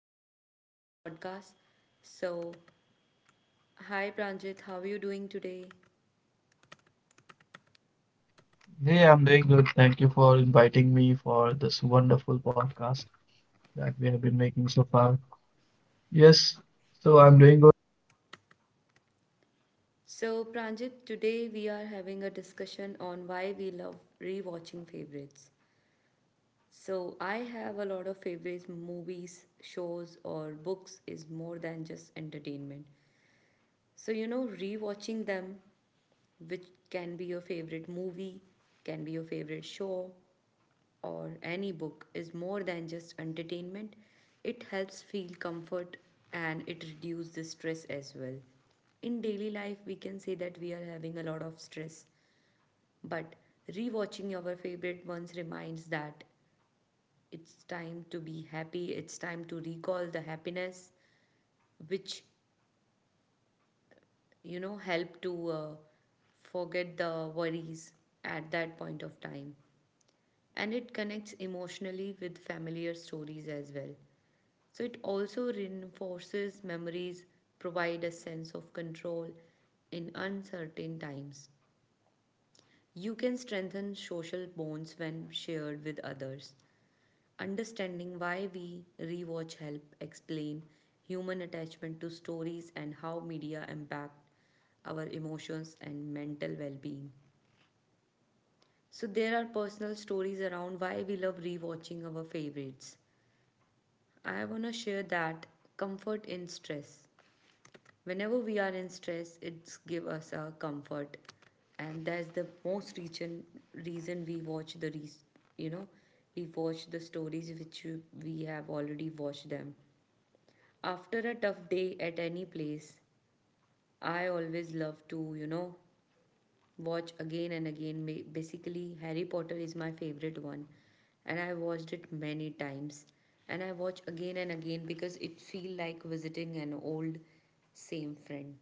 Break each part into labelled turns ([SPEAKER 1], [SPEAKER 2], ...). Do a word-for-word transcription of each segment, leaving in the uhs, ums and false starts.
[SPEAKER 1] joining this podcast. So, Hi, Pranjit, how are you doing today?
[SPEAKER 2] Hey, I'm doing good. Thank you for inviting me for this wonderful podcast that we have been making so far. Yes, so I'm doing good.
[SPEAKER 1] So, Pranjit, today we are having a discussion on why we love rewatching favorites. So, I have a lot of favorites, movies, shows, or books is more than just entertainment. So, you know, rewatching them, which can be your favorite movie, can be your favorite show, or any book is more than just entertainment, it helps feel comfort and it reduces the stress as well. In daily life, we can say that we are having a lot of stress, but rewatching our favorite ones reminds that it's time to be happy, it's time to recall the happiness, which you know help to uh, forget the worries at that point of time and it connects emotionally with familiar stories as well. So it also reinforces memories, provide a sense of control in uncertain times. You can strengthen social bonds when shared with others. Understanding why we rewatch help explain human attachment to stories and how media impact our emotions and mental well-being. So there are personal stories around why we love rewatching our favorites. I want to share that comfort in stress. Whenever we are in stress it's give us a comfort and that's the most reason reason we watch the re- you know we watch the stories which we have already watched them after a tough day at any place. I always love to you know watch again and again. Ma- basically Harry Potter is my favorite one and I watched it many times and I watch again and again because it feel like visiting an old same friend.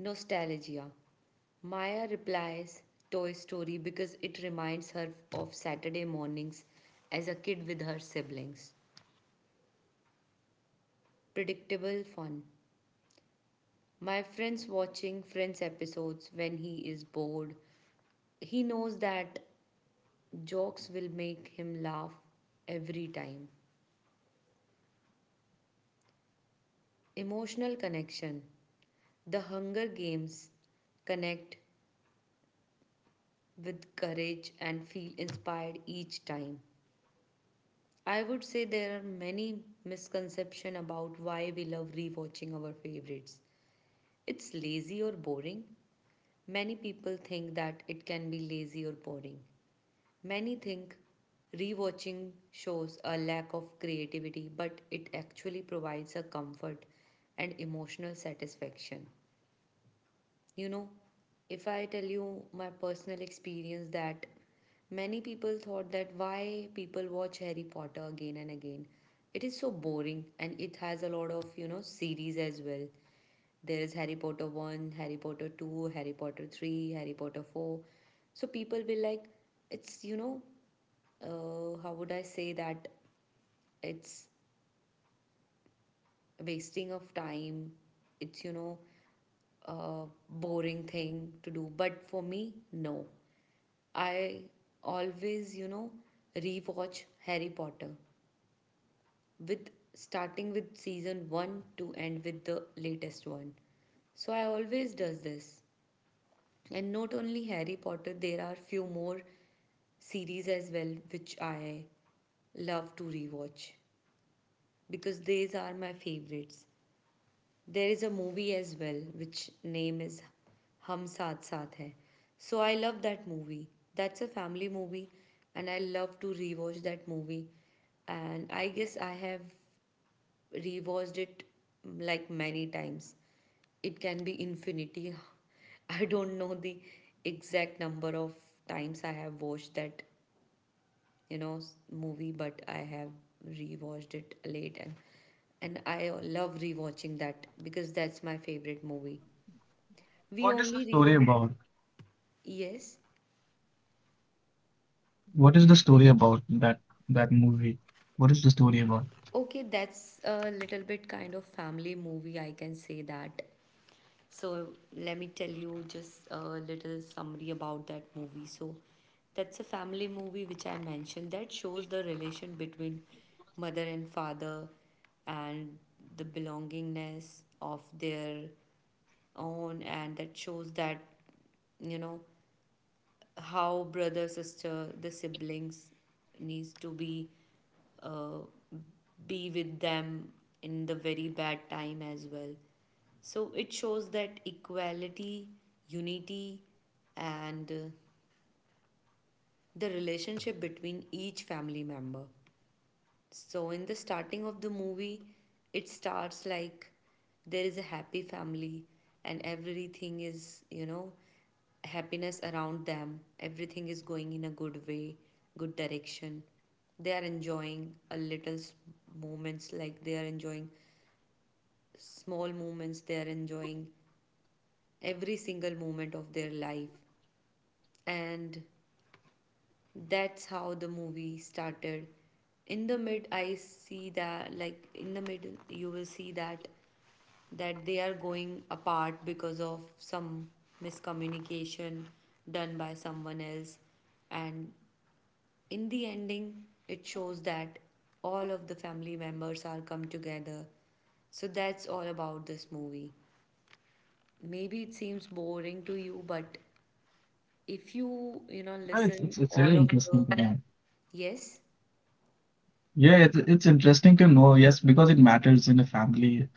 [SPEAKER 1] Nostalgia. Maya replies Toy Story because it reminds her of Saturday mornings as a kid with her siblings. Predictable fun. My friend's watching Friends episodes when he is bored. He knows that jokes will make him laugh every time. Emotional connection. The Hunger Games connect with courage and feel inspired each time. I would say there are many misconceptions about why we love rewatching our favorites. It's lazy or boring. Many people think that it can be lazy or boring. Many think rewatching shows a lack of creativity, but it actually provides a comfort and emotional satisfaction. You know, if I tell you my personal experience that many people thought that why people watch Harry Potter again and again. It is so boring and it has a lot of, you know, series as well. There is Harry Potter one, Harry Potter two, Harry Potter three, Harry Potter four. So people will like, it's, you know, uh, how would I say that? It's wasting of time. It's, you know, a boring thing to do. But for me, no. I always, you know, rewatch Harry Potter with starting with season one to end with the latest one. So I always does this. And not only Harry Potter, there are few more series as well which I love to rewatch because these are my favorites. There is a movie as well, which name is Hum Saath Saath Hai. So I love that movie. That's a family movie, and I love to rewatch that movie. And I guess I have rewatched it mm, like many times. It can be infinity. I don't know the exact number of times I have watched that you know s- movie but I have rewatched it late and and I love rewatching that because that's my favorite movie. We
[SPEAKER 2] What
[SPEAKER 1] only
[SPEAKER 2] is the
[SPEAKER 1] rewatch.
[SPEAKER 2] story about?
[SPEAKER 1] Yes.
[SPEAKER 2] What is the story about that that movie? What is the story about?
[SPEAKER 1] Okay, that's a little bit kind of family movie I can say that. So let me tell you just a little summary about that movie. So that's a family movie which I mentioned that shows the relation between mother and father and the belongingness of their own and that shows that you know how brother sister the siblings needs to be uh, be with them in the very bad time as well. So it shows that equality, unity, and uh, the relationship between each family member. So, in the starting of the movie, it starts like there is a happy family and everything is, you know, happiness around them. Everything is going in a good way, good direction. They are enjoying a little s- moments, like they are enjoying small moments, they are enjoying every single moment of their life. And that's how the movie started. In the mid, I see that like in the middle, you will see that that they are going apart because of some miscommunication done by someone else, and in the ending, it shows that all of the family members are come together. So that's all about this movie. Maybe it seems boring to you, but if you you know
[SPEAKER 2] Uh, It's
[SPEAKER 1] listen
[SPEAKER 2] it's it's
[SPEAKER 1] all
[SPEAKER 2] really
[SPEAKER 1] of the.
[SPEAKER 2] interesting to know.
[SPEAKER 1] Yes.
[SPEAKER 2] Yeah, it's it's interesting to know. Yes, because it matters in a family.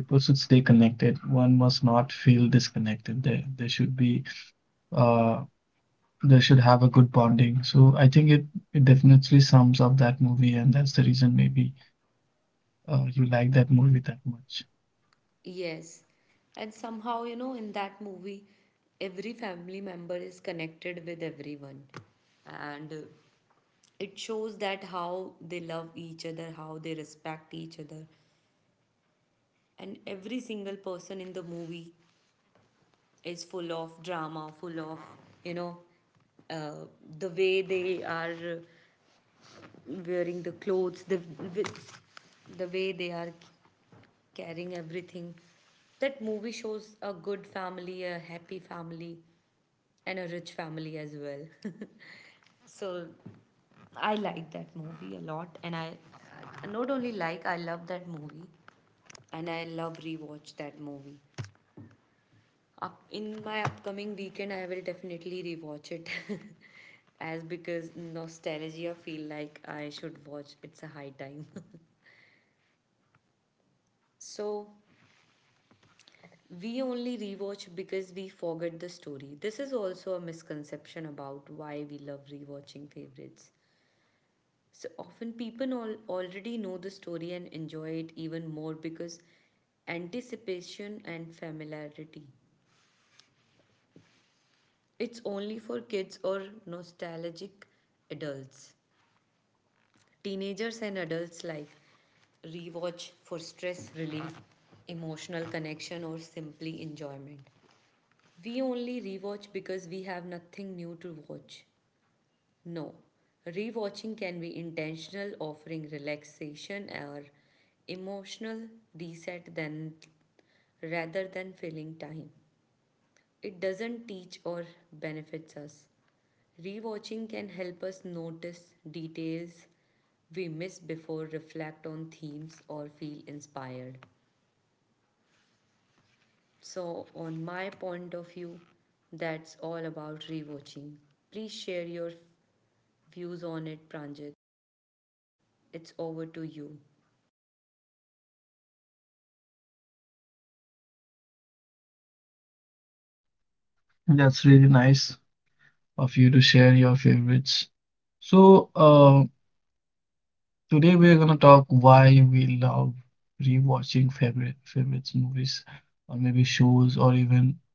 [SPEAKER 2] People should stay connected. One must not feel disconnected. There there should be uh they should have a good bonding. So I think it, it definitely sums up that movie, and that's the reason maybe uh, you like that movie that much.
[SPEAKER 1] Yes. And somehow, you know, in that movie, every family member is connected with everyone. And uh, it shows that how they love each other, how they respect each other. And every single person in the movie is full of drama, full of, you know, uh, the way they are uh, wearing the clothes, the, with- the way they are carrying everything. That movie shows a good family, a happy family, and a rich family as well. So I like that movie a lot, and I I not only like I love that movie, and I love rewatch that movie. Up in my upcoming weekend, I will definitely rewatch it, as because nostalgia feel like I should watch. It's a high time. So we only rewatch because we forget the story. This is also a misconception about why we love rewatching favorites. So often people all, already know the story and enjoy it even more because anticipation and familiarity. It's only for kids or nostalgic adults. Teenagers and adults like rewatch for stress relief, emotional connection, or simply enjoyment. We only rewatch because we have nothing new to watch. No. Rewatching can be intentional, offering relaxation or emotional reset than rather than filling time. It doesn't teach or benefits us. Rewatching can help us notice details we miss before reflect on themes or feel inspired. So, on my point of view, that's all about rewatching. Please share your views on it, Pranjit. It's over to you.
[SPEAKER 2] That's really nice of you to share your favorites. So uh, today we're gonna talk why we love rewatching favorite favorites movies, or maybe shows, or even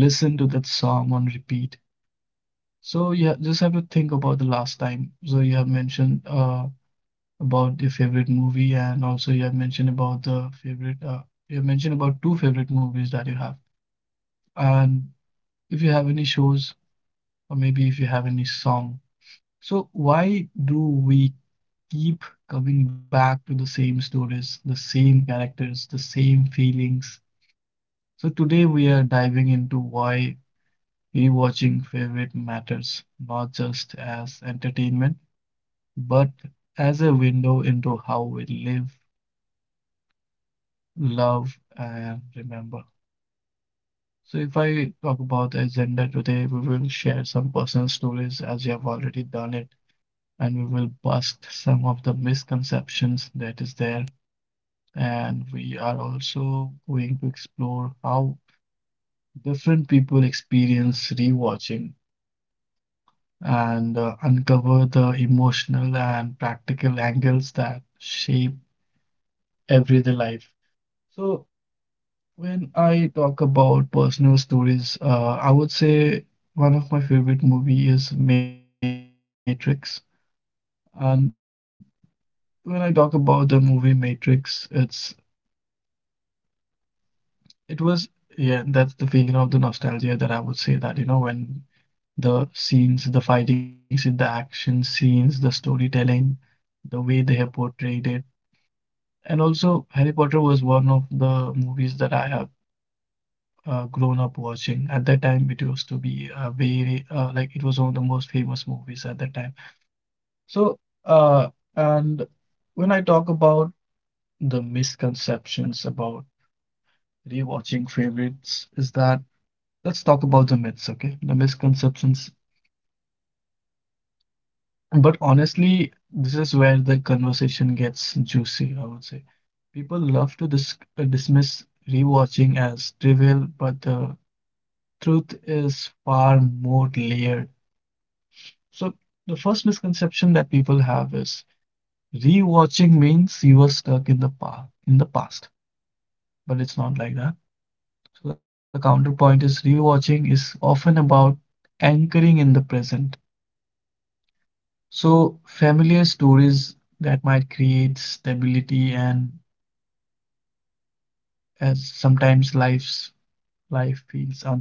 [SPEAKER 2] listen to that song on repeat. So yeah, just have to think about the last time. So you have mentioned uh, about the favorite movie, and also you have mentioned about the favorite, uh, you have mentioned about two favorite movies that you have. And if you have any shows, or maybe if you have any song. So why do we keep coming back to the same stories, the same characters, the same feelings? So today we are diving into why rewatching favorite matters, not just as entertainment, but as a window into how we live, love, and remember. So, if I talk about the agenda today, we will share some personal stories as you have already done it, and we will bust some of the misconceptions that is there. And we are also going to explore how different people experience rewatching and uh, uncover the emotional and practical angles that shape everyday life. So, when I talk about personal stories, uh, I would say one of my favorite movie is Matrix. And when I talk about the movie Matrix, it's it was yeah, that's the feeling of the nostalgia that I would say that, you know, when the scenes, the fighting scene, the action scenes, the storytelling, the way they have portrayed it. And also Harry Potter was one of the movies that I have uh, grown up watching. At that time, it used to be uh, very uh, like it was one of the most famous movies at that time. So, uh, and when I talk about the misconceptions about rewatching favorites, is that let's talk about the myths, okay? The misconceptions. But honestly, this is where the conversation gets juicy, I would say. People love to dis uh, dismiss rewatching as trivial, but the truth is far more layered. So the first misconception that people have is rewatching means you were stuck in the past in the past, but it's not like that. So the counterpoint is rewatching is often about anchoring in the present. So familiar stories that might create stability and as sometimes life's life feels uncertain.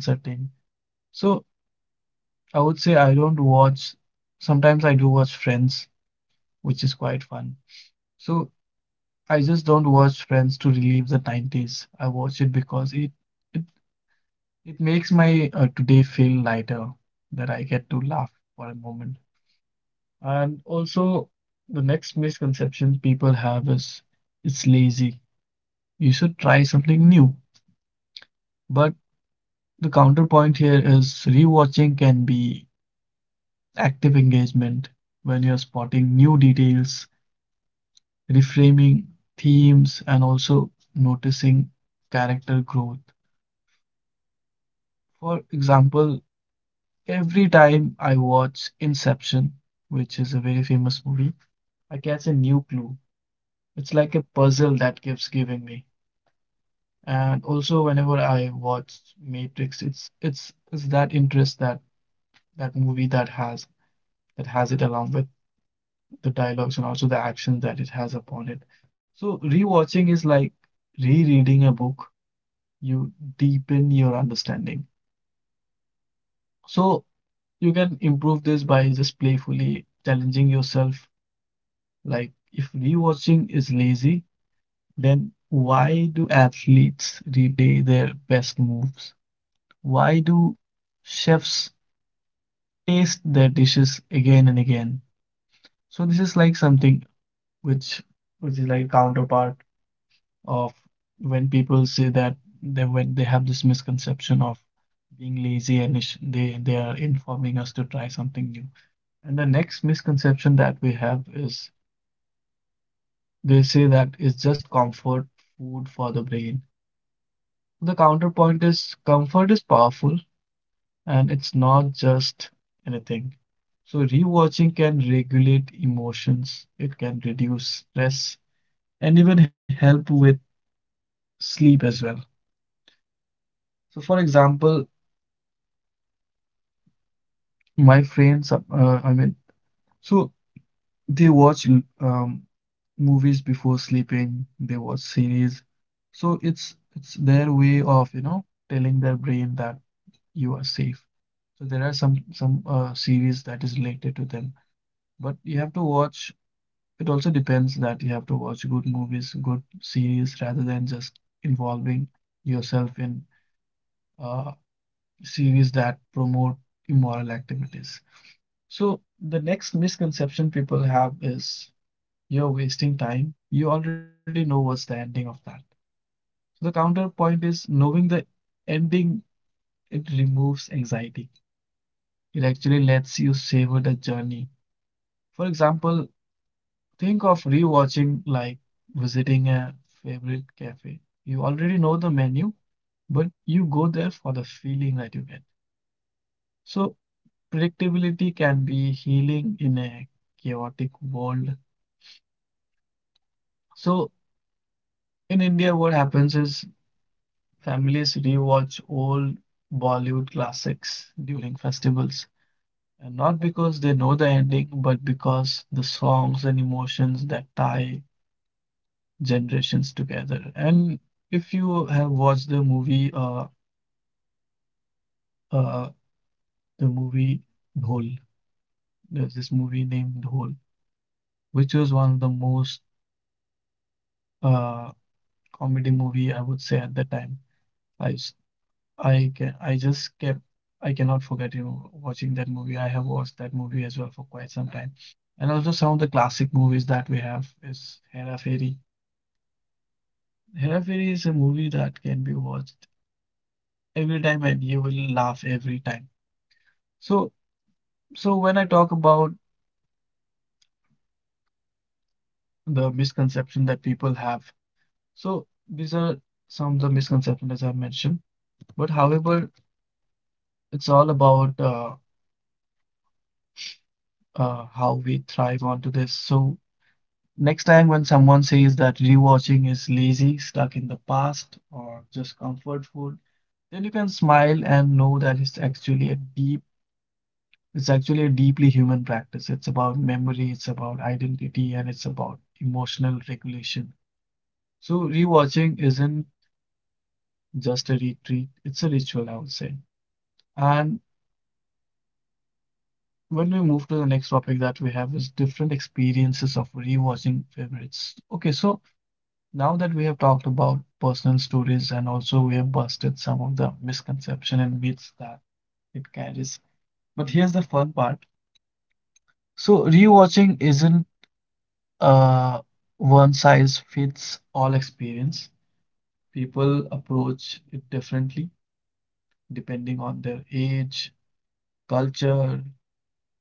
[SPEAKER 2] So I would say I don't watch, sometimes I do watch Friends, which is quite fun. So I just don't watch Friends to relieve the nineties. I watch it because it it, it makes my uh, today feel lighter, that I get to laugh for a moment. And also, the next misconception people have is it's lazy. You should try something new. But the counterpoint here is rewatching can be active engagement when you're spotting new details, reframing themes, and also noticing character growth. For example, every time I watch Inception, which is a very famous movie, I catch a new clue. It's like a puzzle that keeps giving me. And also, whenever I watch Matrix, it's it's it's that interest that that movie that has that has it along with the dialogues and also the actions that it has upon it. So rewatching is like rereading a book. You deepen your understanding. So you can improve this by just playfully challenging yourself. Like, if rewatching is lazy, then why do athletes replay their best moves? Why do chefs taste their dishes again and again? So this is like something which which is like counterpart of when people say that they when they have this misconception of being lazy and is- they they are informing us to try something new. And the next misconception that we have is they say that it's just comfort food for the brain. The counterpoint is comfort is powerful and it's not just anything. So, rewatching can regulate emotions, it can reduce stress, and even help with sleep as well. So, for example, my friends, uh, I mean, so they watch um, movies before sleeping, they watch series. So, it's it's their way of, you know, telling their brain that you are safe. So there are some some uh, series that is related to them. But you have to watch, it also depends that you have to watch good movies, good series rather than just involving yourself in uh, series that promote immoral activities. So the next misconception people have is you're wasting time. You already know what's the ending of that. So the counterpoint is knowing the ending, it removes anxiety. It actually lets you savor the journey. For example, think of rewatching like visiting a favorite cafe. You already know the menu, but you go there for the feeling that you get. So, predictability can be healing in a chaotic world. So, in India, what happens is families rewatch old Bollywood classics during festivals. And not because they know the ending, but because the songs and emotions that tie generations together. And if you have watched the movie, uh, uh, the movie Dhol, there's this movie named Dhol, which was one of the most uh, comedy movie I would say at the time. I s- I can I just kept I cannot forget you know, watching that movie. I have watched that movie as well for quite some time. And also some of the classic movies that we have is Hera Fairy. Hera Fairy is a movie that can be watched every time and you will laugh every time. So So when I talk about the misconception that people have, so these are some of the misconceptions as I mentioned. But however, it's all about uh, uh, how we thrive onto this. So next time when someone says that rewatching is lazy, stuck in the past, or just comfort food, then you can smile and know that it's actually a deep, it's actually a deeply human practice. It's about memory, it's about identity, and it's about emotional regulation. So rewatching isn't just a retreat, it's a ritual, I would say. And when we move to the next topic that we have is different experiences of rewatching favorites. Okay, so now that we have talked about personal stories and also we have busted some of the misconception and myths that it carries. But here's the fun part. So rewatching isn't a one size fits all experience. People approach it differently depending on their age, culture,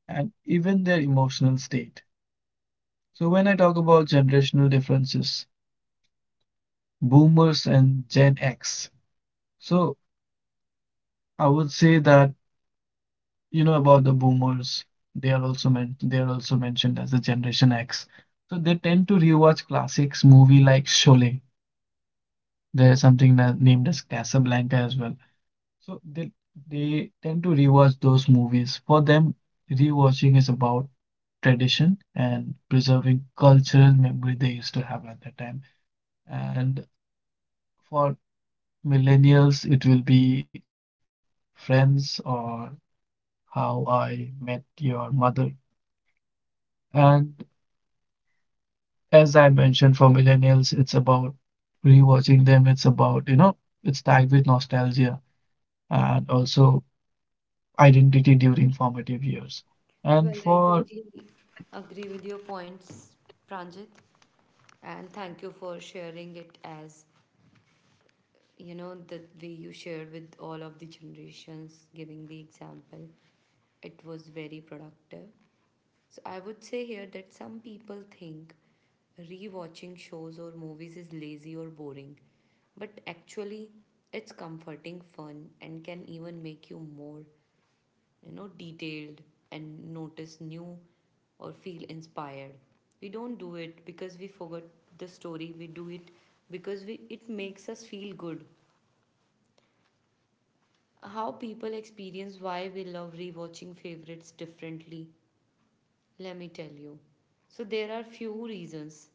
[SPEAKER 2] and even their emotional state. So, when I talk about generational differences, boomers and Gen X. So, I would say that, you know, about the boomers, they are also meant they are also mentioned as the Generation X. So, they tend to rewatch classics movie like Sholay. There's something na- named as Casablanca as well. So, they they tend to rewatch those movies. For them, rewatching is about tradition and preserving cultural memory they used to have at that time. And for millennials, it will be Friends or How I Met Your Mother. And as I mentioned, for millennials, it's about rewatching them. It's about, you know, it's tagged with nostalgia and also identity during formative years. And
[SPEAKER 1] Well, I
[SPEAKER 2] for
[SPEAKER 1] totally agree with your points, Pranjit, and thank you for sharing it as you know the way you shared with all of the generations, giving the example. It was very productive. So I would say here that some people think rewatching shows or movies is lazy or boring, but actually it's comforting, fun, and can even make you more, you know, detailed and notice new or feel inspired. We don't do it because we forgot the story. We do it because we it makes us feel good. How people experience why we love rewatching favorites differently. Let me tell you. So there are few reasons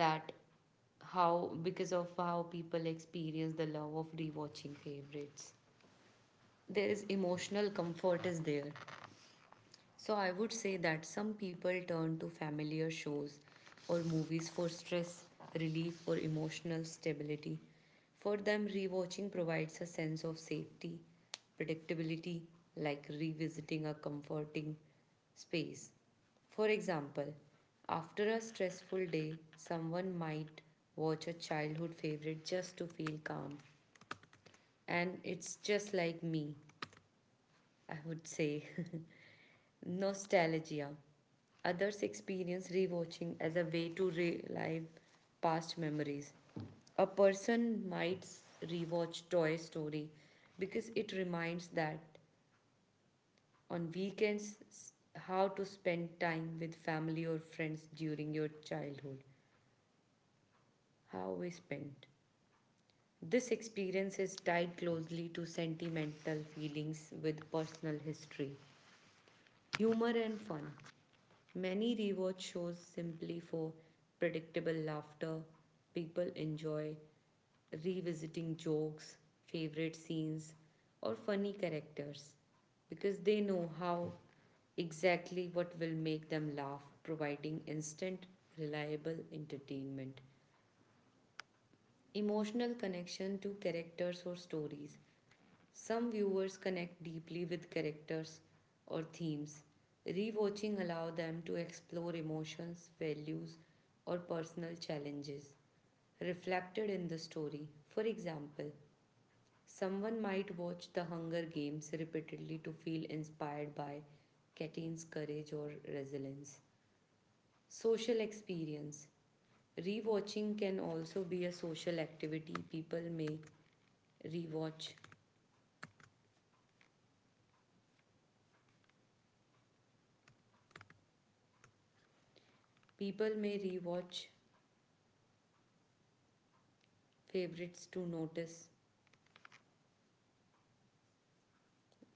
[SPEAKER 1] that how because of how people experience the love of rewatching favorites there is emotional comfort is there. So I would say that some people turn to familiar shows or movies for stress relief or emotional stability. For them, rewatching provides a sense of safety, predictability, like revisiting a comforting space. For example, after a stressful day, someone might watch a childhood favorite just to feel calm. And it's just like me, I would say. Nostalgia. Others experience rewatching as a way to relive past memories. A person might rewatch Toy Story because it reminds that on weekends s- how to spend time with family or friends during your childhood. How we spent. This experience is tied closely to sentimental feelings with personal history. Humor and fun. Many rewatch shows simply for predictable laughter. People enjoy revisiting jokes, favorite scenes, or funny characters because they know how exactly what will make them laugh, providing instant, reliable entertainment. Emotional connection to characters or stories. Some viewers connect deeply with characters or themes. Rewatching allows them to explore emotions, values, or personal challenges reflected in the story. For example, someone might watch The Hunger Games repeatedly to feel inspired by Katyn's courage or resilience. Social experience. Rewatching can also be a social activity. People may rewatch. People may rewatch favorites to notice,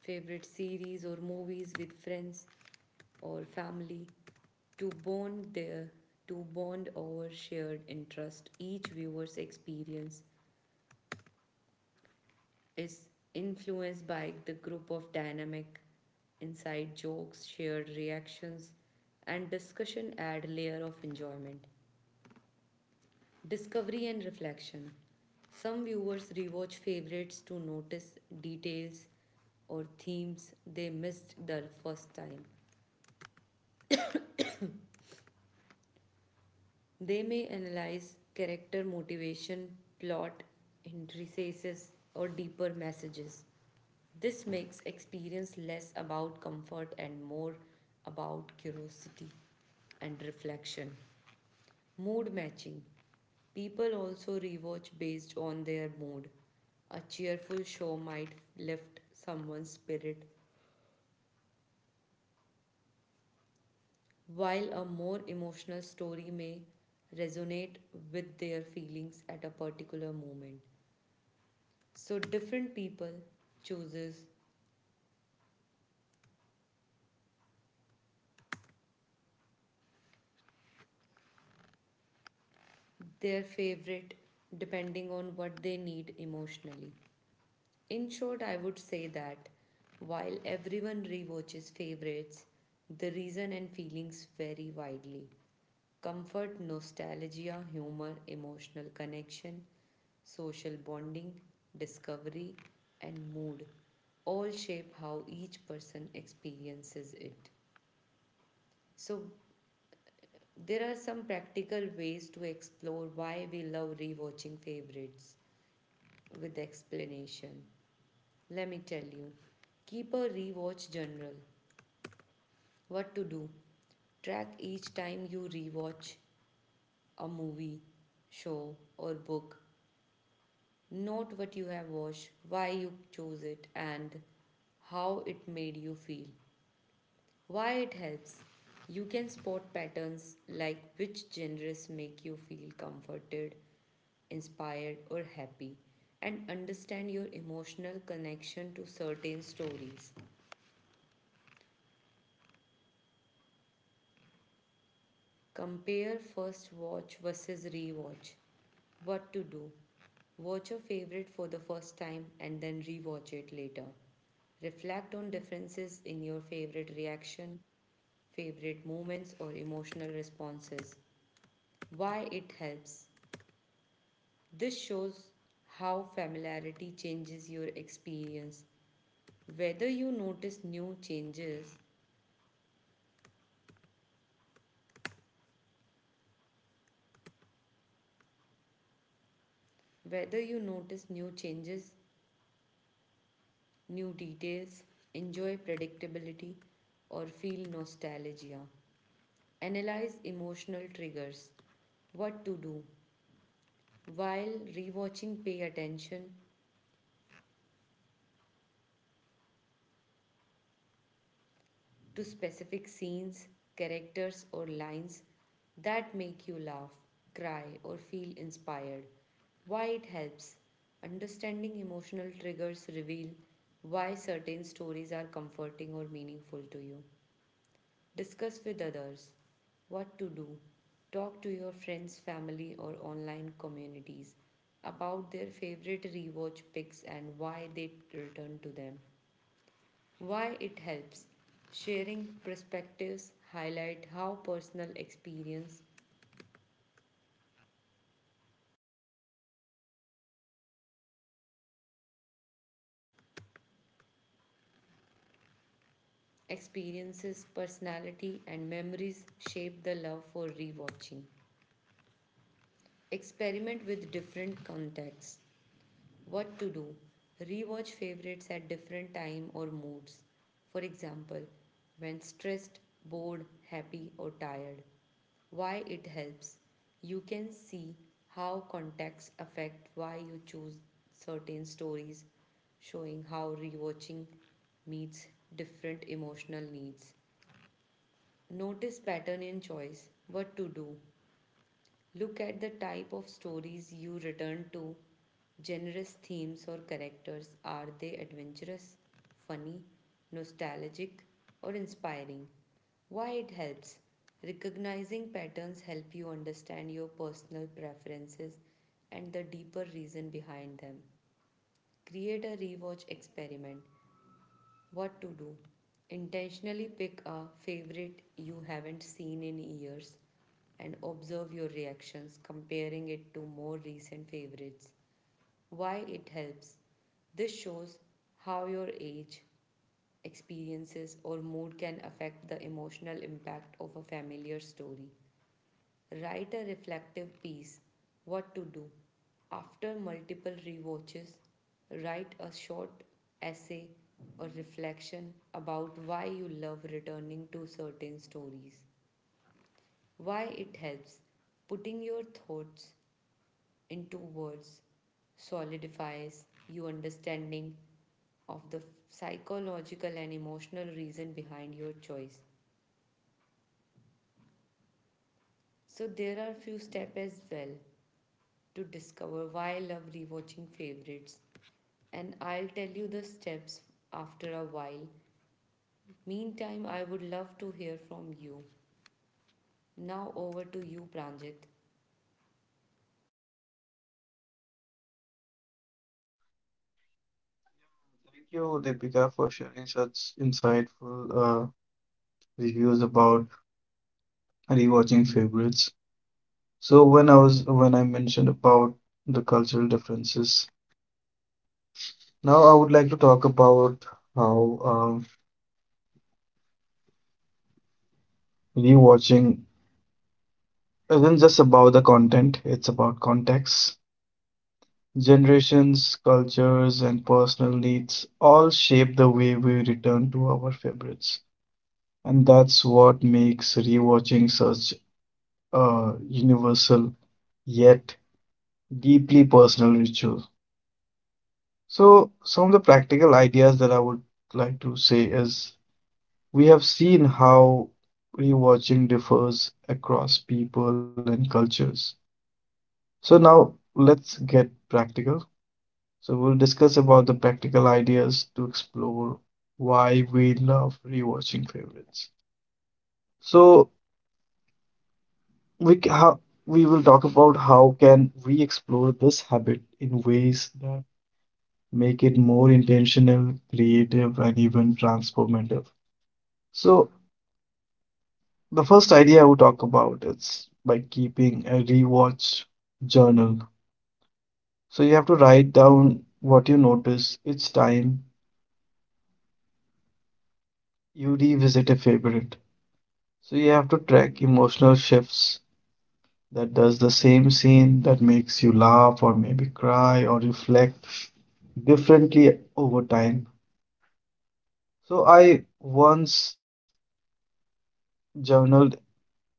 [SPEAKER 1] favorite series or movies with friends or family, to bond there, to bond over shared interest. Each viewer's experience is influenced by the group of dynamic, inside jokes, shared reactions, and discussion add a layer of enjoyment. Discovery and reflection. Some viewers rewatch favorites to notice details or themes they missed the first time. They may analyze character motivation, plot, intricacies, or deeper messages. This makes experience less about comfort and more about curiosity and reflection. Mood matching. People also rewatch based on their mood. A cheerful show might lift someone's spirit, while a more emotional story may resonate with their feelings at a particular moment. So different people chooses their favorite depending on what they need emotionally. In short, I would say that while everyone rewatches favorites, the reason and feelings vary widely. Comfort, nostalgia, humor, emotional connection, social bonding, discovery, and mood all shape how each person experiences it. So, there are some practical ways to explore why we love rewatching favorites with explanation. Let me tell you keep a rewatch journal. What to do? Track each time you rewatch a movie, show, or book. Note what you have watched, why you chose it, and how it made you feel. Why it helps. You can spot patterns like which genres make you feel comforted, inspired, or happy, and understand your emotional connection to certain stories. Compare first watch versus rewatch. What to do? Watch your favorite for the first time and then rewatch it later. Reflect on differences in your favorite reaction, favorite moments, or emotional responses. Why it helps. This shows how familiarity changes your experience. Whether you notice new changes, whether you notice new changes, new details, enjoy predictability, or feel nostalgia. Analyze emotional triggers. What to do. While rewatching, pay attention to specific scenes, characters, or lines that make you laugh, cry, or feel inspired. Why it helps. Understanding emotional triggers reveal why certain stories are comforting or meaningful to you. Discuss with others, what to do. Talk to your friends, family, or online communities about their favorite rewatch picks and why they return to them. Why it helps. Sharing perspectives highlight how personal experience, experiences, personality and memories shape the love for rewatching. Experiment with different contexts. What to do? Rewatch favorites at different time or moods. For example, when stressed, bored, happy or tired. Why it helps? You can see how contexts affect why you choose certain stories, showing how rewatching meets different emotional needs. Notice pattern in choice. What to do? Look at the type of stories you return to. Generous themes or characters, are they adventurous, funny, nostalgic, or inspiring? Why it helps? Recognizing patterns help you understand your personal preferences and the deeper reason behind them. Create a rewatch experiment. What to do? Intentionally pick a favorite you haven't seen in years and observe your reactions, comparing it to more recent favorites. Why it helps? This shows how your age, experiences, or mood can affect the emotional impact of a familiar story. Write a reflective piece. What to do. After multiple rewatches, write a short essay or reflection about why you love returning to certain stories. Why it helps. Putting your thoughts into words solidifies your understanding of the psychological and emotional reason behind your choice. So there are few steps as well to discover why I love rewatching favorites, and I'll tell you the steps after a while. Meantime, I would love to hear from you. Now, over to you, Pranjit.
[SPEAKER 2] thank you, Deepika, for sharing such insightful uh, reviews about rewatching favorites. So when I was when I mentioned about the cultural differences, now I would like to talk about how um rewatching isn't just about the content; it's about context. Generations, cultures, and personal needs all shape the way we return to our favorites, and that's what makes rewatching such a universal yet deeply personal ritual. So, some of the practical ideas that I would like to say is we have seen how rewatching differs across people and cultures. So, now let's get practical. So, we'll discuss about the practical ideas to explore why we love rewatching favorites. So, we ca- how, we will talk about how can we explore this habit in ways that make it more intentional, creative, and even transformative. So, the first idea I would talk about is by keeping a rewatch journal. So, you have to write down what you notice each time you revisit a favorite. So, you have to track emotional shifts that does the same scene that makes you laugh or maybe cry or reflect differently over time. So, I once journaled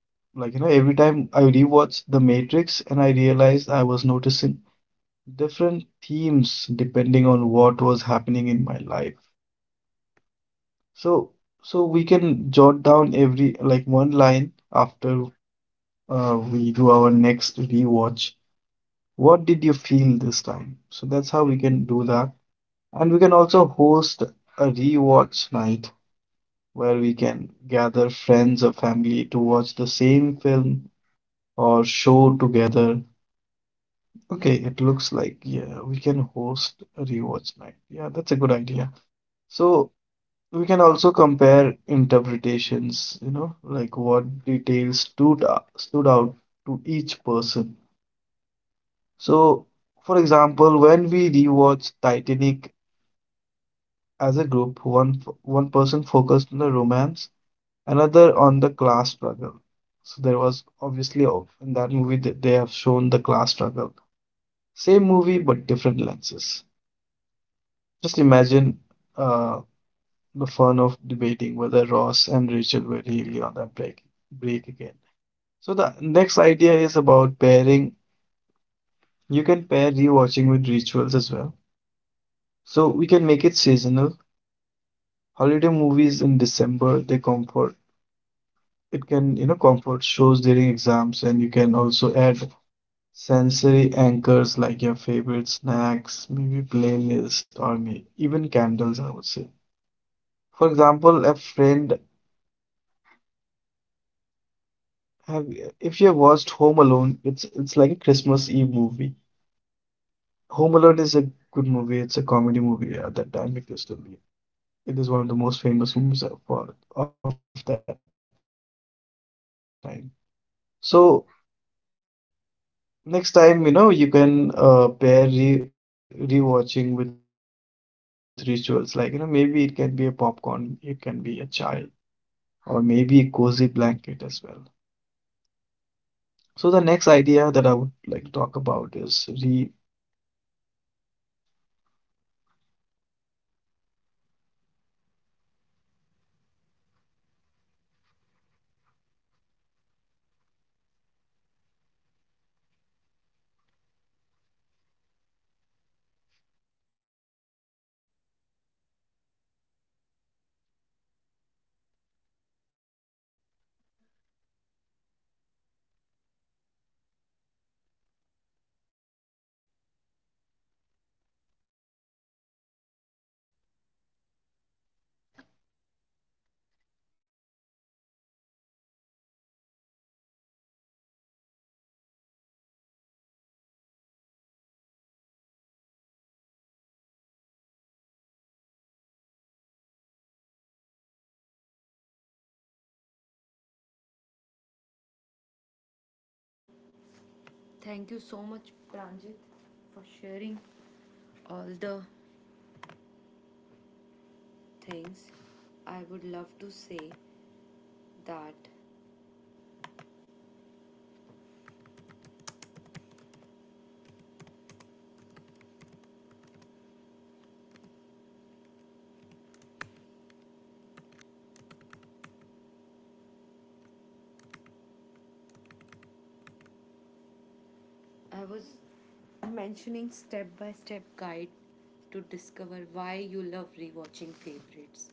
[SPEAKER 2] like, you know, every time I rewatch The Matrix and I realized I was noticing different themes depending on what was happening in my life. So, so we can jot down every like one line after uh, we do our next rewatch. What did you feel this time? So that's how we can do that. And we can also host a rewatch night where we can gather friends or family to watch the same film or show together. Okay, it looks like, yeah, we can host a rewatch night. Yeah, that's a good idea. So we can also compare interpretations, you know, like what details stood out, stood out to each person. So, for example, when we rewatched Titanic as a group, one f- one person focused on the romance, another on the class struggle. So there was obviously, oh, in that movie that they have shown the class struggle. Same movie but different lenses. Just imagine uh, the fun of debating whether Ross and Rachel were really on that break break again. So the next idea is about pairing. You can pair rewatching with rituals as well. So we can make it seasonal. Holiday movies in December, they comfort. It can, you know, comfort shows during exams, and you can also add sensory anchors like your favorite snacks, maybe playlist, or maybe even candles, I would say. For example, a friend. Have you, if you have watched Home Alone, it's it's like a Christmas Eve movie. Home Alone is a good movie. It's a comedy movie at that time. It used to be. It is one of the most famous movies of for- of that time. So next time, you know, you can uh, pair re rewatching with rituals. Like, you know, maybe it can be a popcorn, it can be a chai, or maybe a cozy blanket as well. So the next idea that I would like to talk about is re.
[SPEAKER 1] Thank you so much, Pranjit, for sharing all the things. I would love to say that I was mentioning step by step guide to discover why you love rewatching favorites.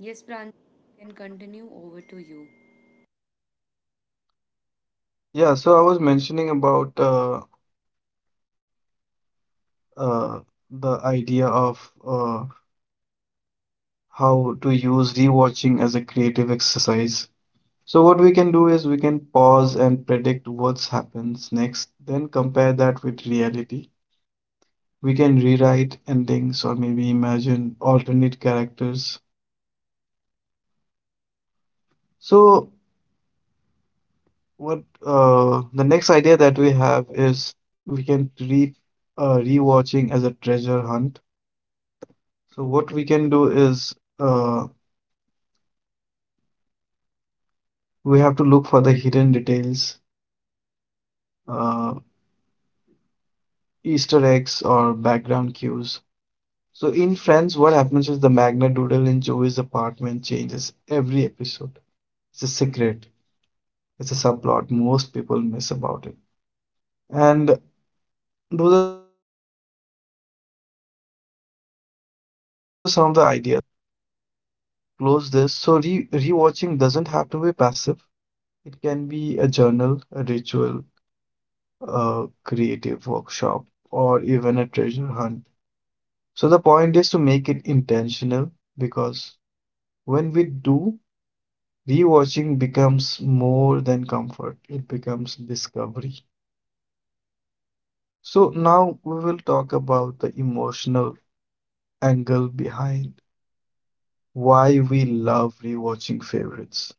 [SPEAKER 1] Yes, Pranjit, you can continue over to you.
[SPEAKER 2] Yeah, so I was mentioning about uh, uh, the idea of uh, how to use rewatching as a creative exercise. So what we can do is we can pause and predict what happens next, then compare that with reality. We can rewrite endings or maybe imagine alternate characters. So what, uh, the next idea that we have is we can treat uh, rewatching as a treasure hunt. So what we can do is, uh, we have to look for the hidden details, uh, Easter eggs, or background cues. So, in Friends, what happens is the Magna Doodle in Joey's apartment changes every episode. It's a secret, it's a subplot most people miss about it. And those are some of the ideas. And if I talk, if I, you know, uh, close this, so re rewatching doesn't have to be passive, it can be a journal, a ritual, a creative workshop, or even a treasure hunt. So the point is to make it intentional, because when we do, rewatching becomes more than comfort, it becomes discovery. So now we will talk about the emotional angle behind why we love rewatching favorites.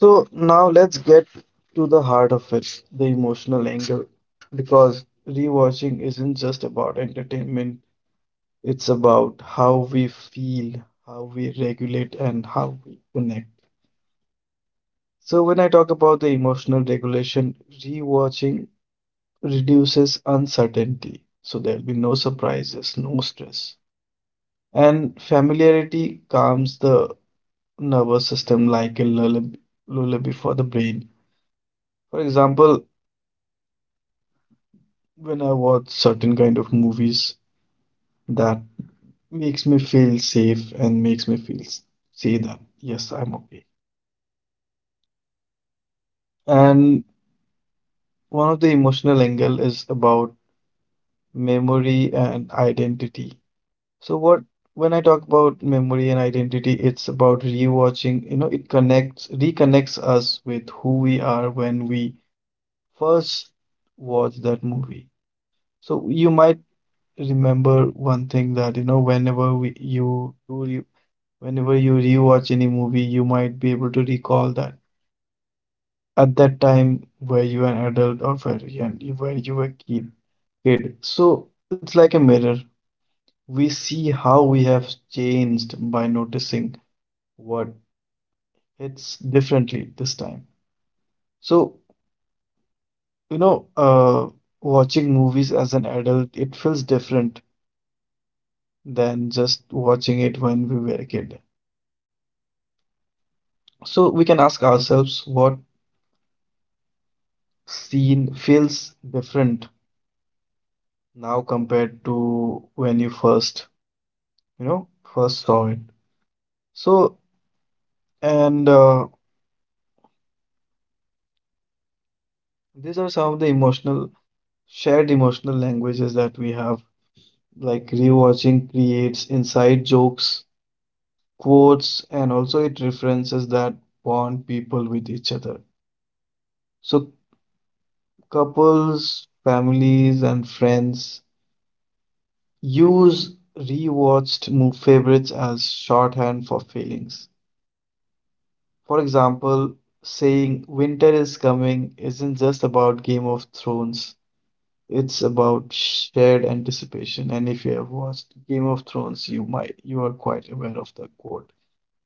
[SPEAKER 2] So now let's get to the heart of it, the emotional angle, because rewatching isn't just about entertainment, it's about how we feel, how we regulate, and how we connect. So when I talk about the emotional regulation, rewatching reduces uncertainty. So there'll be no surprises, no stress. And familiarity calms the nervous system like a lullab- lullaby for the brain. For example, when I watch certain kind of movies that makes me feel safe and makes me feel s- say that, yes, I'm okay. And one of the emotional angle is about memory and identity. So what, when I talk about memory and identity, it's about rewatching, you know, it connects, reconnects us with who we are when we first watch that movie. So you might remember one thing that, you know, whenever we, you do re, whenever you rewatch any movie, you might be able to recall that. At that time, were you an adult or were you, an- were you a kid? Kid. So it's like a mirror. We see how we have changed by noticing what hits differently this time. So, you know, uh, watching movies as an adult, it feels different than just watching it when we were a kid. So we can ask ourselves what scene feels different now compared to when you first, you know, first saw it. So, and uh, these are some of the emotional, shared emotional languages that we have. Like rewatching creates inside jokes, quotes, and also it references that bond people with each other. So couples, families, and friends use rewatched mo- favorites as shorthand for feelings. For example, saying winter is coming isn't just about Game of Thrones, it's about shared anticipation. And if you have watched Game of Thrones, you might, you are quite aware of the quote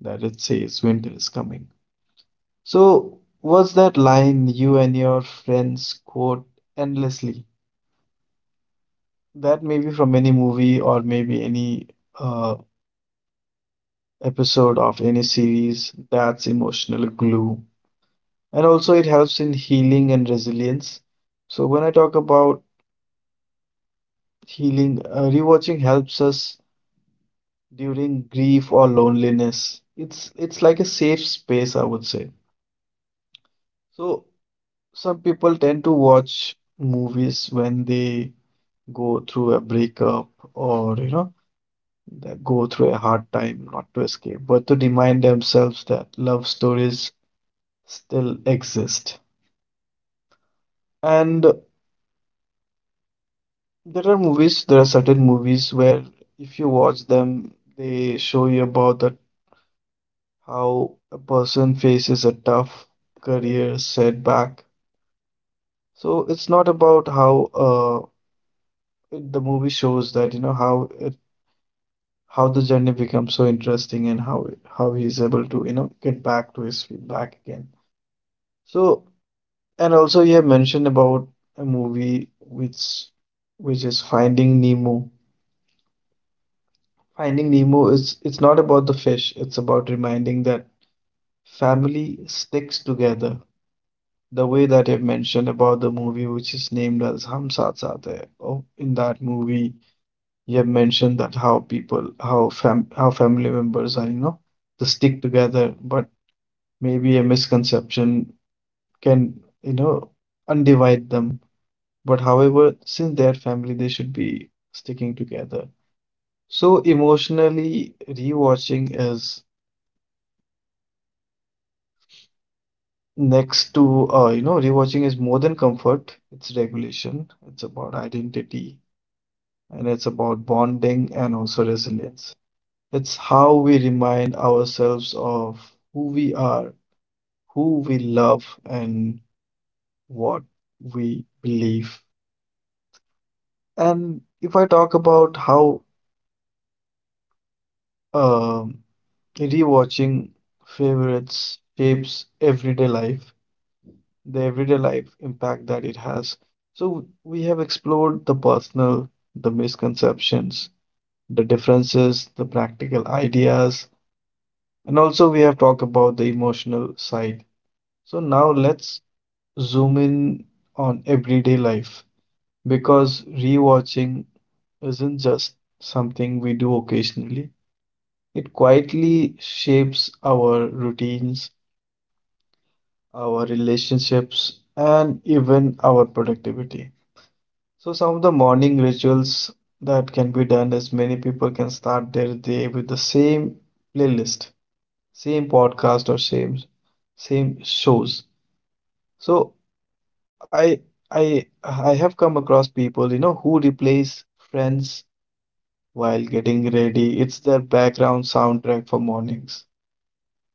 [SPEAKER 2] that it says winter is coming. So, what's that line you and your friends quote endlessly? That may be from any movie or maybe any uh, episode of any series. That's emotional glue. And also, it helps in healing and resilience. So, when I talk about healing, uh, rewatching helps us during grief or loneliness. It's it's like a safe space, I would say. So, some people tend to watch movies when they go through a breakup, or you know, go through a hard time, not to escape but to remind themselves that love stories still exist. And there are movies, there are certain movies where, if you watch them, they show you about that, how a person faces a tough career setback. So it's not about how, uh it- the movie shows that, you know, how how the journey becomes so interesting, and how how he is able to, you know, get back to his feet back again. So, and also you have mentioned about a movie which which is Finding Nemo. Finding Nemo is, it's not about the fish, it's about reminding that family sticks together. The way that you've mentioned about the movie which is named as Hum Saath Saath Hai, oh, in that movie you have mentioned that how people, how fam how family members are, you know, they stick together, but maybe a misconception can, you know, undivide them. But however, since they are family, they should be sticking together. So emotionally, rewatching is next to, uh, you know, rewatching is more than comfort. It's regulation, it's about identity, and it's about bonding and also resilience. It's how we remind ourselves of who we are, who we love, and what we believe. And if I talk about how um rewatching favorites shapes everyday life, the everyday life impact that it has. So we have explored the personal, the misconceptions, the differences, the practical ideas, and also we have talked about the emotional side. So now let's zoom in on everyday life, because rewatching isn't just something we do occasionally. It quietly shapes our routines, our relationships, and even our productivity. So, some of the morning rituals that can be done is many people can start their day with the same playlist, same podcast, or same same shows. So, I I I have come across people, you know, who replace Friends while getting ready. It's their background soundtrack for mornings.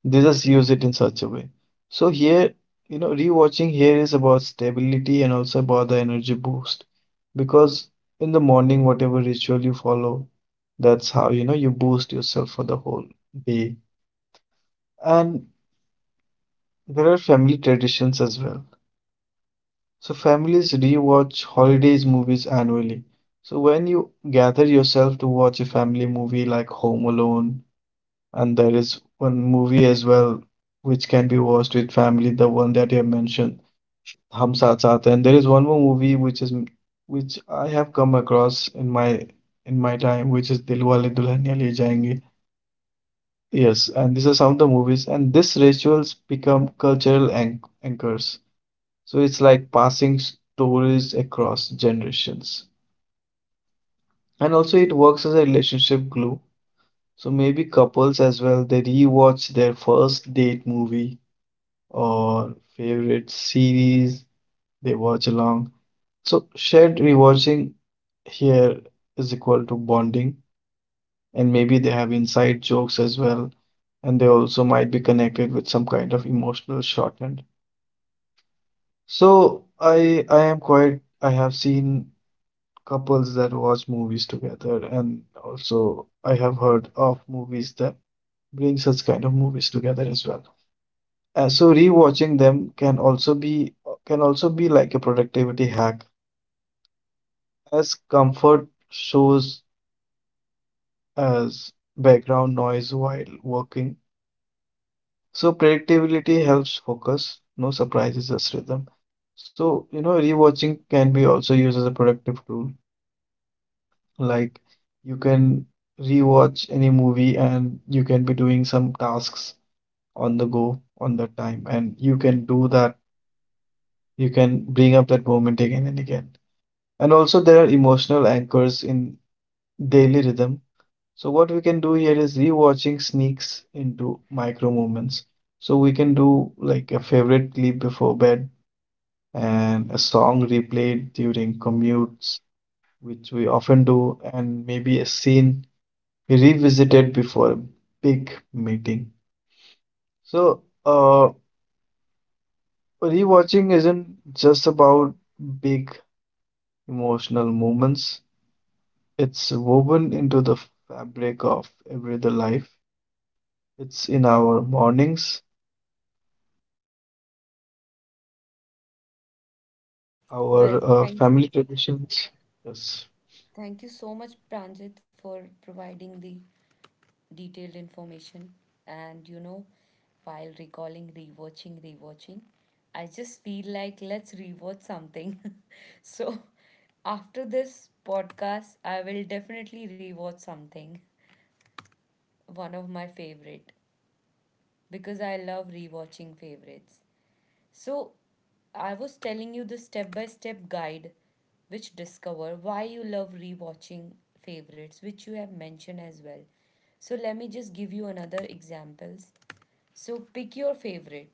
[SPEAKER 2] They just use it in such a way. So here, you know, rewatching here is about stability and also about the energy boost. Because in the morning, whatever ritual you follow, that's how, you know, you boost yourself for the whole day. And there are family traditions as well. So families rewatch holidays movies annually. So when you gather yourself to watch a family movie like Home Alone, and there is one movie as well which can be watched with family, the one that you have mentioned. Hum Saath Saath Hai. And there is one more movie which is, which I have come across in my, in my time, which is Dilwale Dulhaniya Le Jayenge. Yes, and these are some of the movies, and these rituals become cultural anch anchors. So it's like passing stories across generations, and also it works as a relationship glue. So maybe couples as well, they rewatch their first date movie or favorite series. They watch along. So shared rewatching here is equal to bonding, and maybe they have inside jokes as well, and they also might be connected with some kind of emotional shorthand. So I I am quite, I have seen couples that watch movies together, and also I have heard of movies that bring such kind of movies together as well. Uh, so rewatching them can also be, can also be like a productivity hack, as comfort shows as background noise while working. So predictability helps focus, no surprises as rhythm. So, you know, rewatching can be also used as a productive tool. Like you can rewatch any movie and you can be doing some tasks on the go on that time, and you can do that. You can bring up that moment again and again. And also there are emotional anchors in daily rhythm. So what we can do here is rewatching sneaks into micro moments. So we can do like a favorite clip before bed and a song replayed during commutes, which we often do, and maybe a scene revisited before a big meeting. So uh, rewatching isn't just about big emotional moments. It's woven into the fabric of everyday life. It's in our mornings, our
[SPEAKER 1] Well,
[SPEAKER 2] uh,
[SPEAKER 1] thank
[SPEAKER 2] family
[SPEAKER 1] you.
[SPEAKER 2] traditions. Yes.
[SPEAKER 1] Thank you so much, Pranjit, for providing the detailed information and you know, while recalling rewatching rewatching, I just feel like let's rewatch something. So after this podcast I will definitely rewatch something, one of my favorite, because I love rewatching favorites. So, I was telling you the step by step guide which discover why you love rewatching favorites, which you have mentioned as well. So, let me just give you another examples. So, pick your favorite.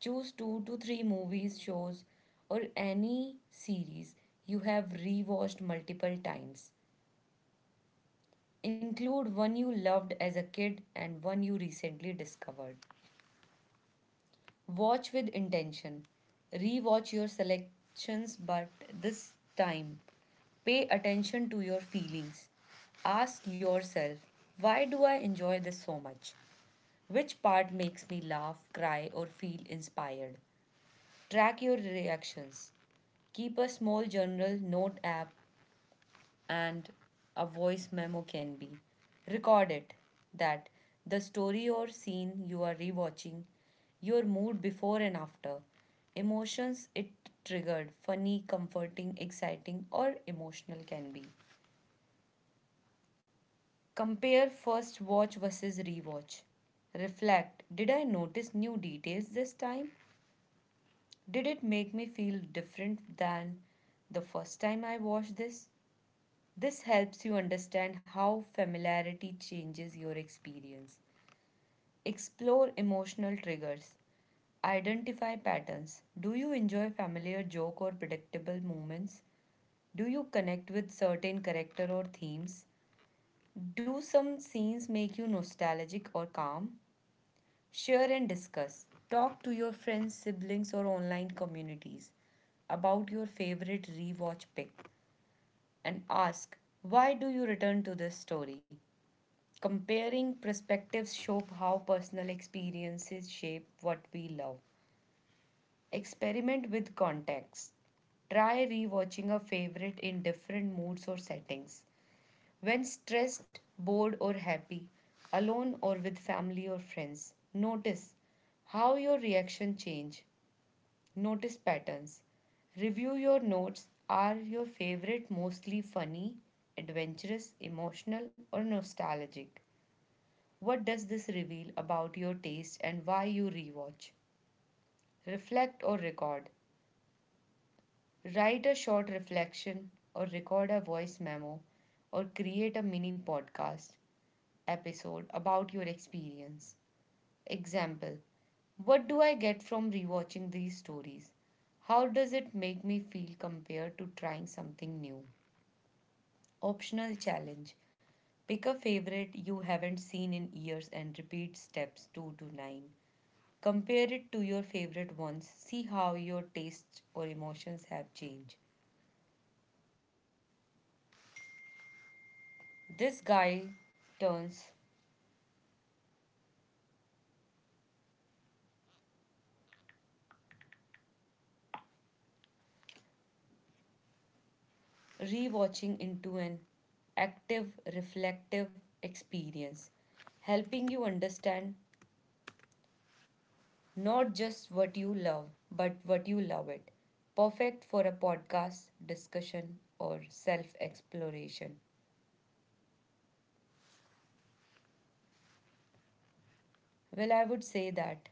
[SPEAKER 1] Choose two to three movies, shows or any series you have rewatched multiple times. Include one you loved as a kid and one you recently discovered. Watch with intention. Rewatch your selections, but this time, pay attention to your feelings. Ask yourself, why do I enjoy this so much? Which part makes me laugh, cry, or feel inspired? Track your reactions. Keep a small journal note app and a voice memo can be. Record it, that the story or scene you are rewatching, your mood before and after, emotions it triggered, funny, comforting, exciting, or emotional can be. Compare first watch versus rewatch. Reflect. Did I notice new details this time? Did it make me feel different than the first time I watched this? This helps you understand how familiarity changes your experience. Explore emotional triggers. Identify patterns. Do you enjoy familiar joke or predictable moments? Do you connect with certain character or themes? Do some scenes make you nostalgic or calm? Share and discuss. Talk to your friends, siblings, or online communities about your favorite rewatch pick and ask, why do you return to this story? Comparing perspectives show how personal experiences shape what we love. Experiment with context. Try rewatching a favorite in different moods or settings. When stressed, bored, or happy, alone or with family or friends, notice how your reaction change. Notice patterns. Review your notes. Are your favorite mostly funny, adventurous, emotional, or nostalgic? What does this reveal about your taste and why you rewatch? Reflect or record. Write a short reflection or record a voice memo or create a mini podcast episode about your experience. Example. What do I get from rewatching these stories? How does it make me feel compared to trying something new? Optional challenge. Pick a favorite you haven't seen in years and repeat steps two to nine. Compare it to your favorite ones. See how your tastes or emotions have changed. This guide turns rewatching into an active, reflective experience, helping you understand not just what you love, but what you love it. Perfect for a podcast, discussion, or self exploration. Well, I would say that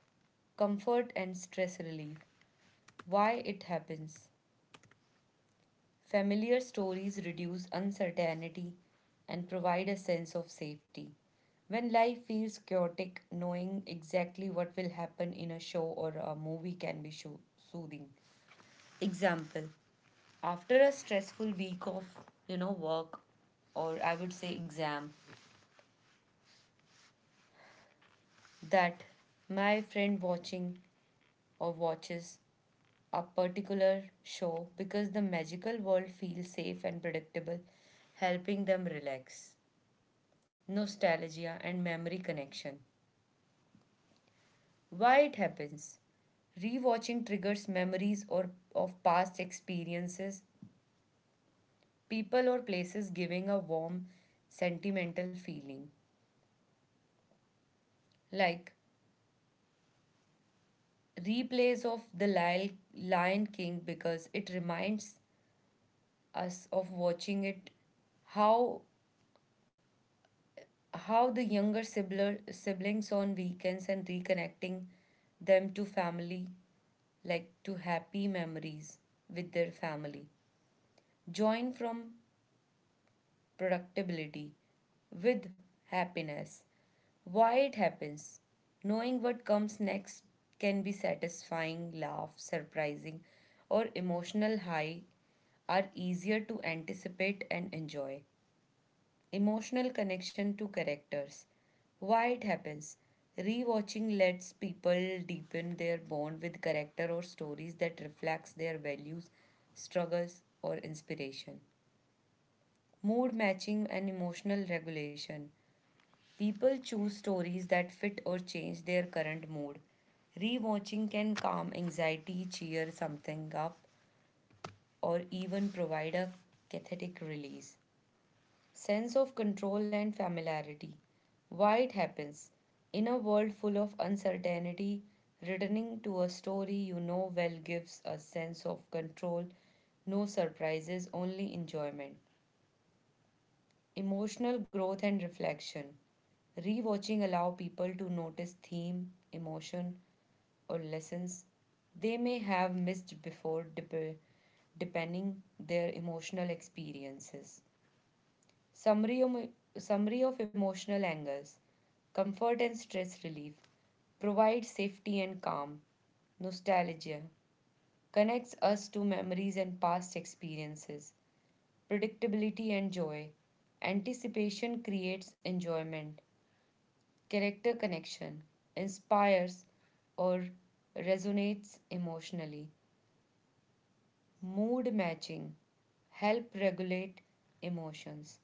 [SPEAKER 1] comfort and stress relief. Why it happens. Familiar stories reduce uncertainty and provide a sense of safety. When life feels chaotic, knowing exactly what will happen in a show or a movie can be sho- soothing. Example. After a stressful week of, you know, work or I would say exam, that my friend watching or watches a particular show because the magical world feels safe and predictable, helping them relax. Nostalgia, and memory connection. Why it happens? Rewatching triggers memories or of past experiences, people or places giving a warm sentimental feeling. Like replays of The Lil- Lion King because it reminds us of watching it, how how the younger sibler, siblings on weekends and reconnecting them to family, like to happy memories with their family. Join from productivity with happiness. Why it happens. Knowing what comes next can be satisfying, laugh, surprising, or emotional high are easier to anticipate and enjoy. Emotional connection to characters. Why it happens. Rewatching lets people deepen their bond with character or stories that reflects their values, struggles, or inspiration. Mood matching and emotional regulation. People choose stories that fit or change their current mood. Rewatching can calm anxiety, cheer something up, or even provide a cathartic release. Sense of control and familiarity. Why it happens. In a world full of uncertainty, returning to a story you know well gives a sense of control, no surprises, only enjoyment. Emotional growth and reflection. Rewatching allow people to notice theme, emotion, or lessons they may have missed before dep- depending their emotional experiences. Summary of, summary of emotional angles. Comfort and stress relief. Provides safety and calm. Nostalgia. Connects us to memories and past experiences. Predictability and joy. Anticipation creates enjoyment. Character connection inspires or resonates emotionally. Mood matching help regulate emotions.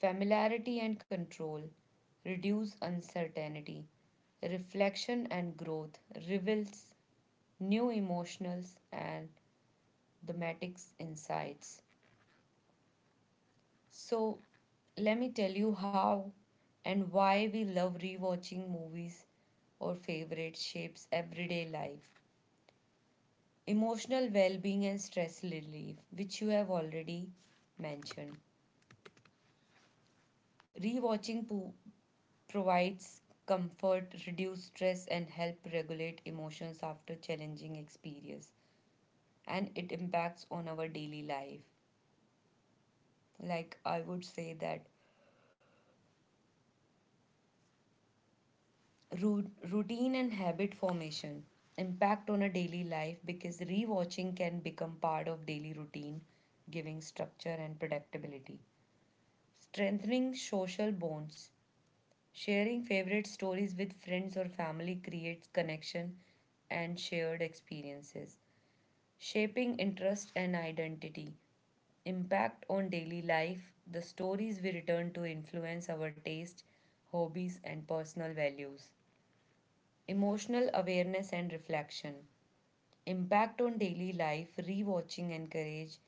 [SPEAKER 1] Familiarity and control reduce uncertainty. Reflection and growth reveals new emotional and thematic insights. So, let me tell you how and why we love rewatching movies or favorite shapes everyday life. Emotional well being and stress relief, which you have already mentioned. Rewatching po- provides comfort, reduce stress, and help regulate emotions after challenging experience. And it impacts on our daily life. Like I would say that Ru- routine and habit formation impact on a daily life because rewatching can become part of daily routine, giving structure and predictability. Strengthening social bonds, sharing favorite stories with friends or family creates connection and shared experiences. Shaping interest and identity, impact on daily life, the stories we return to influence our taste, hobbies and personal values. Emotional awareness and reflection. Impact on daily life, rewatching encourage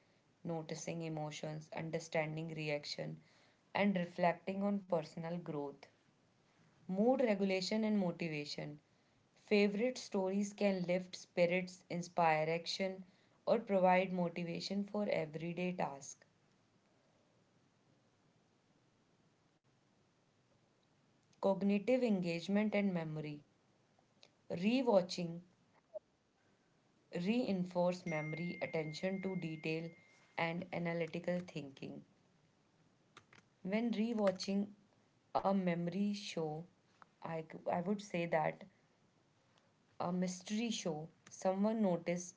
[SPEAKER 1] noticing emotions, understanding reaction, and reflecting on personal growth. Mood regulation and motivation. Favorite stories can lift spirits, inspire action, or provide motivation for everyday tasks. Cognitive engagement and memory. Rewatching reinforce memory, attention to detail, and analytical thinking. When rewatching a memory show, I I would say that a mystery show, someone noticed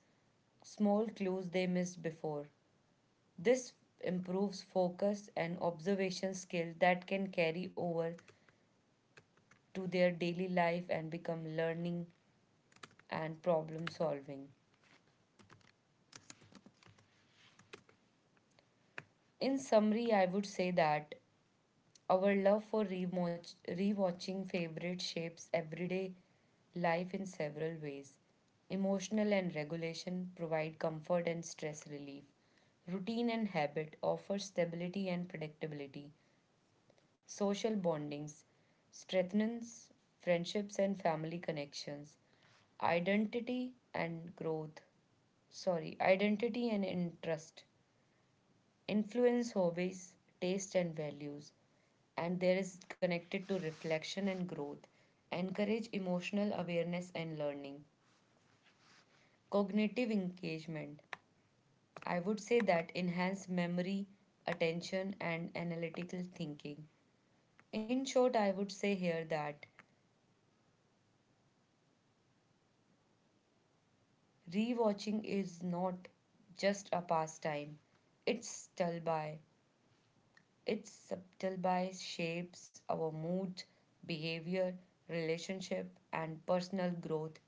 [SPEAKER 1] small clues they missed before. This improves focus and observation skills that can carry over to their daily life and become learning and problem solving. In summary, I would say that our love for rewatch, rewatching favorite shapes everyday life in several ways. Emotional and regulation provide comfort and stress relief. Routine and habit offer stability and predictability. Social bondings strengthens friendships and family connections. Identity and growth. Sorry, identity and interest influence hobbies, taste, and values. And there is connected to reflection and growth, encourage emotional awareness and learning, cognitive engagement. I would say that enhance memory, attention, and analytical thinking. In short, I would say here that rewatching is not just a pastime, it's still by its subtle bias shapes our mood, behavior, relationship, and personal growth,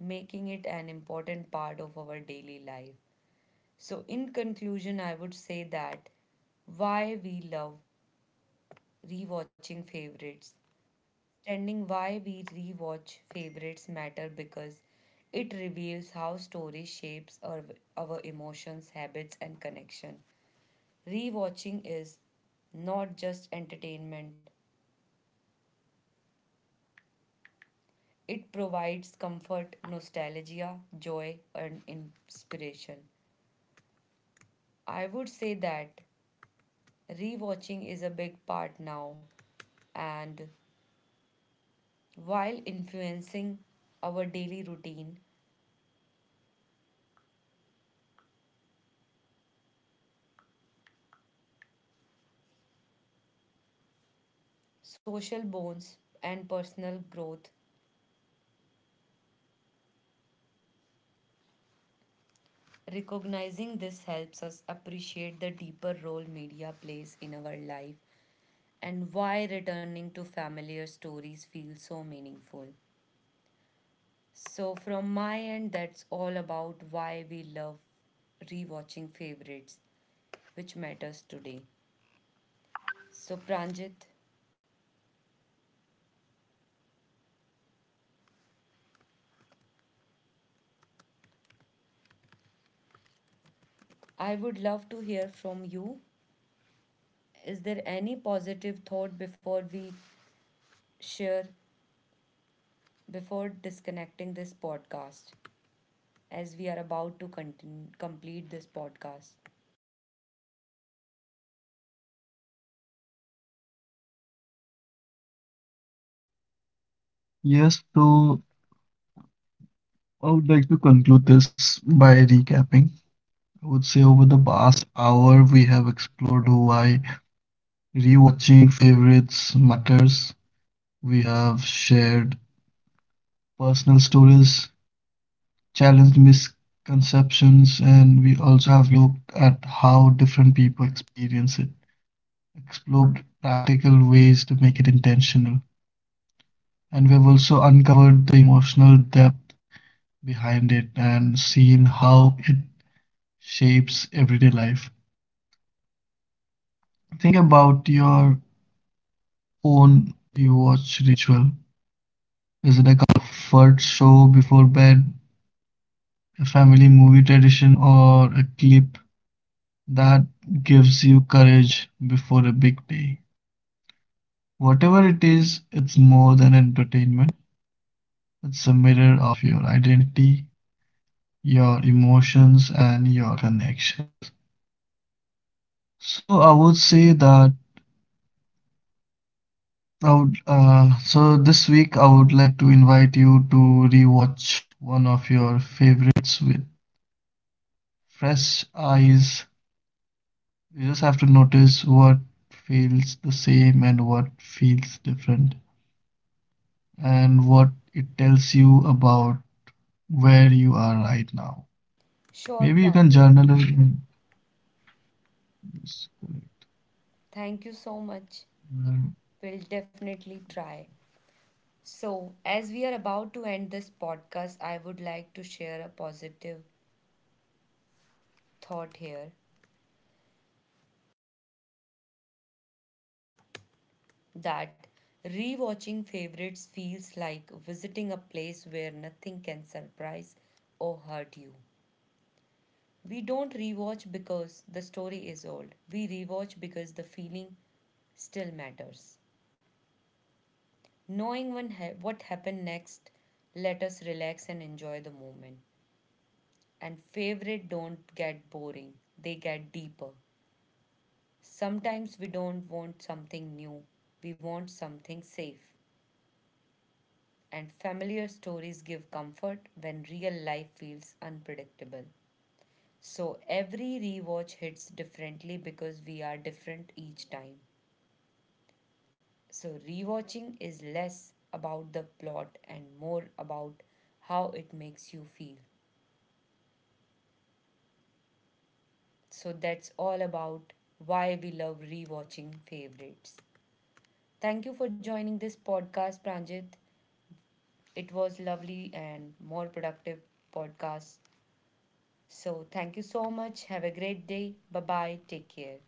[SPEAKER 1] making it an important part of our daily life. So, in conclusion, I would say that why we love rewatching favorites. Standing why we rewatch favorites matter because it reveals how story shapes our, our emotions, habits, and connection. Rewatching is not just entertainment, it provides comfort, nostalgia, joy, and inspiration. I would say that rewatching is a big part now, and while influencing our daily routine, social bonds, and personal growth, recognizing this helps us appreciate the deeper role media plays in our life and why returning to familiar stories feels so meaningful. So, from my end, that's all about why we love rewatching favorites, which matters today. So, Pranjit, I would love to hear from you. Is there any positive thought before we share, before disconnecting this podcast, as we are about to continue, complete this podcast?
[SPEAKER 2] Yes, so I would like to conclude this by recapping. I would say over the past hour, we have explored why rewatching favorites matters. We have shared personal stories, challenged misconceptions, and we also have looked at how different people experience it, explored practical ways to make it intentional. And we have also uncovered the emotional depth behind it and seen how it shapes everyday life. Think about your own you watch ritual. Is it a comfort show before bed, a family movie tradition, or a clip that gives you courage before a big day? Whatever it is, it's more than entertainment. It's a mirror of your identity, your emotions, and your connections. So I would say that I would, uh, so this week I would like to invite you to rewatch one of your favorites with fresh eyes. You just have to notice what feels the same and what feels different, and what it tells you about where you are right now. Maybe you
[SPEAKER 1] Sure,
[SPEAKER 2] can
[SPEAKER 1] Pranjit.
[SPEAKER 2] journal it. And-
[SPEAKER 1] Thank you so much. We'll definitely try. So, as we are about to end this podcast, I would like to share a positive thought here that rewatching favorites feels like visiting a place where nothing can surprise or hurt you. We don't rewatch because the story is old. We rewatch because the feeling still matters. Knowing when ha- what happened next, let us relax and enjoy the moment. And favorite don't get boring, they get deeper. Sometimes we don't want something new, we want something safe, and familiar stories give comfort when real life feels unpredictable. So every rewatch hits differently because we are different each time. So rewatching is less about the plot and more about how it makes you feel. So that's all about why we love rewatching favorites. Thank you for joining this podcast, Pranjit. It was lovely and more productive podcast. So, thank you so much. Have a great day. Bye bye. Take care.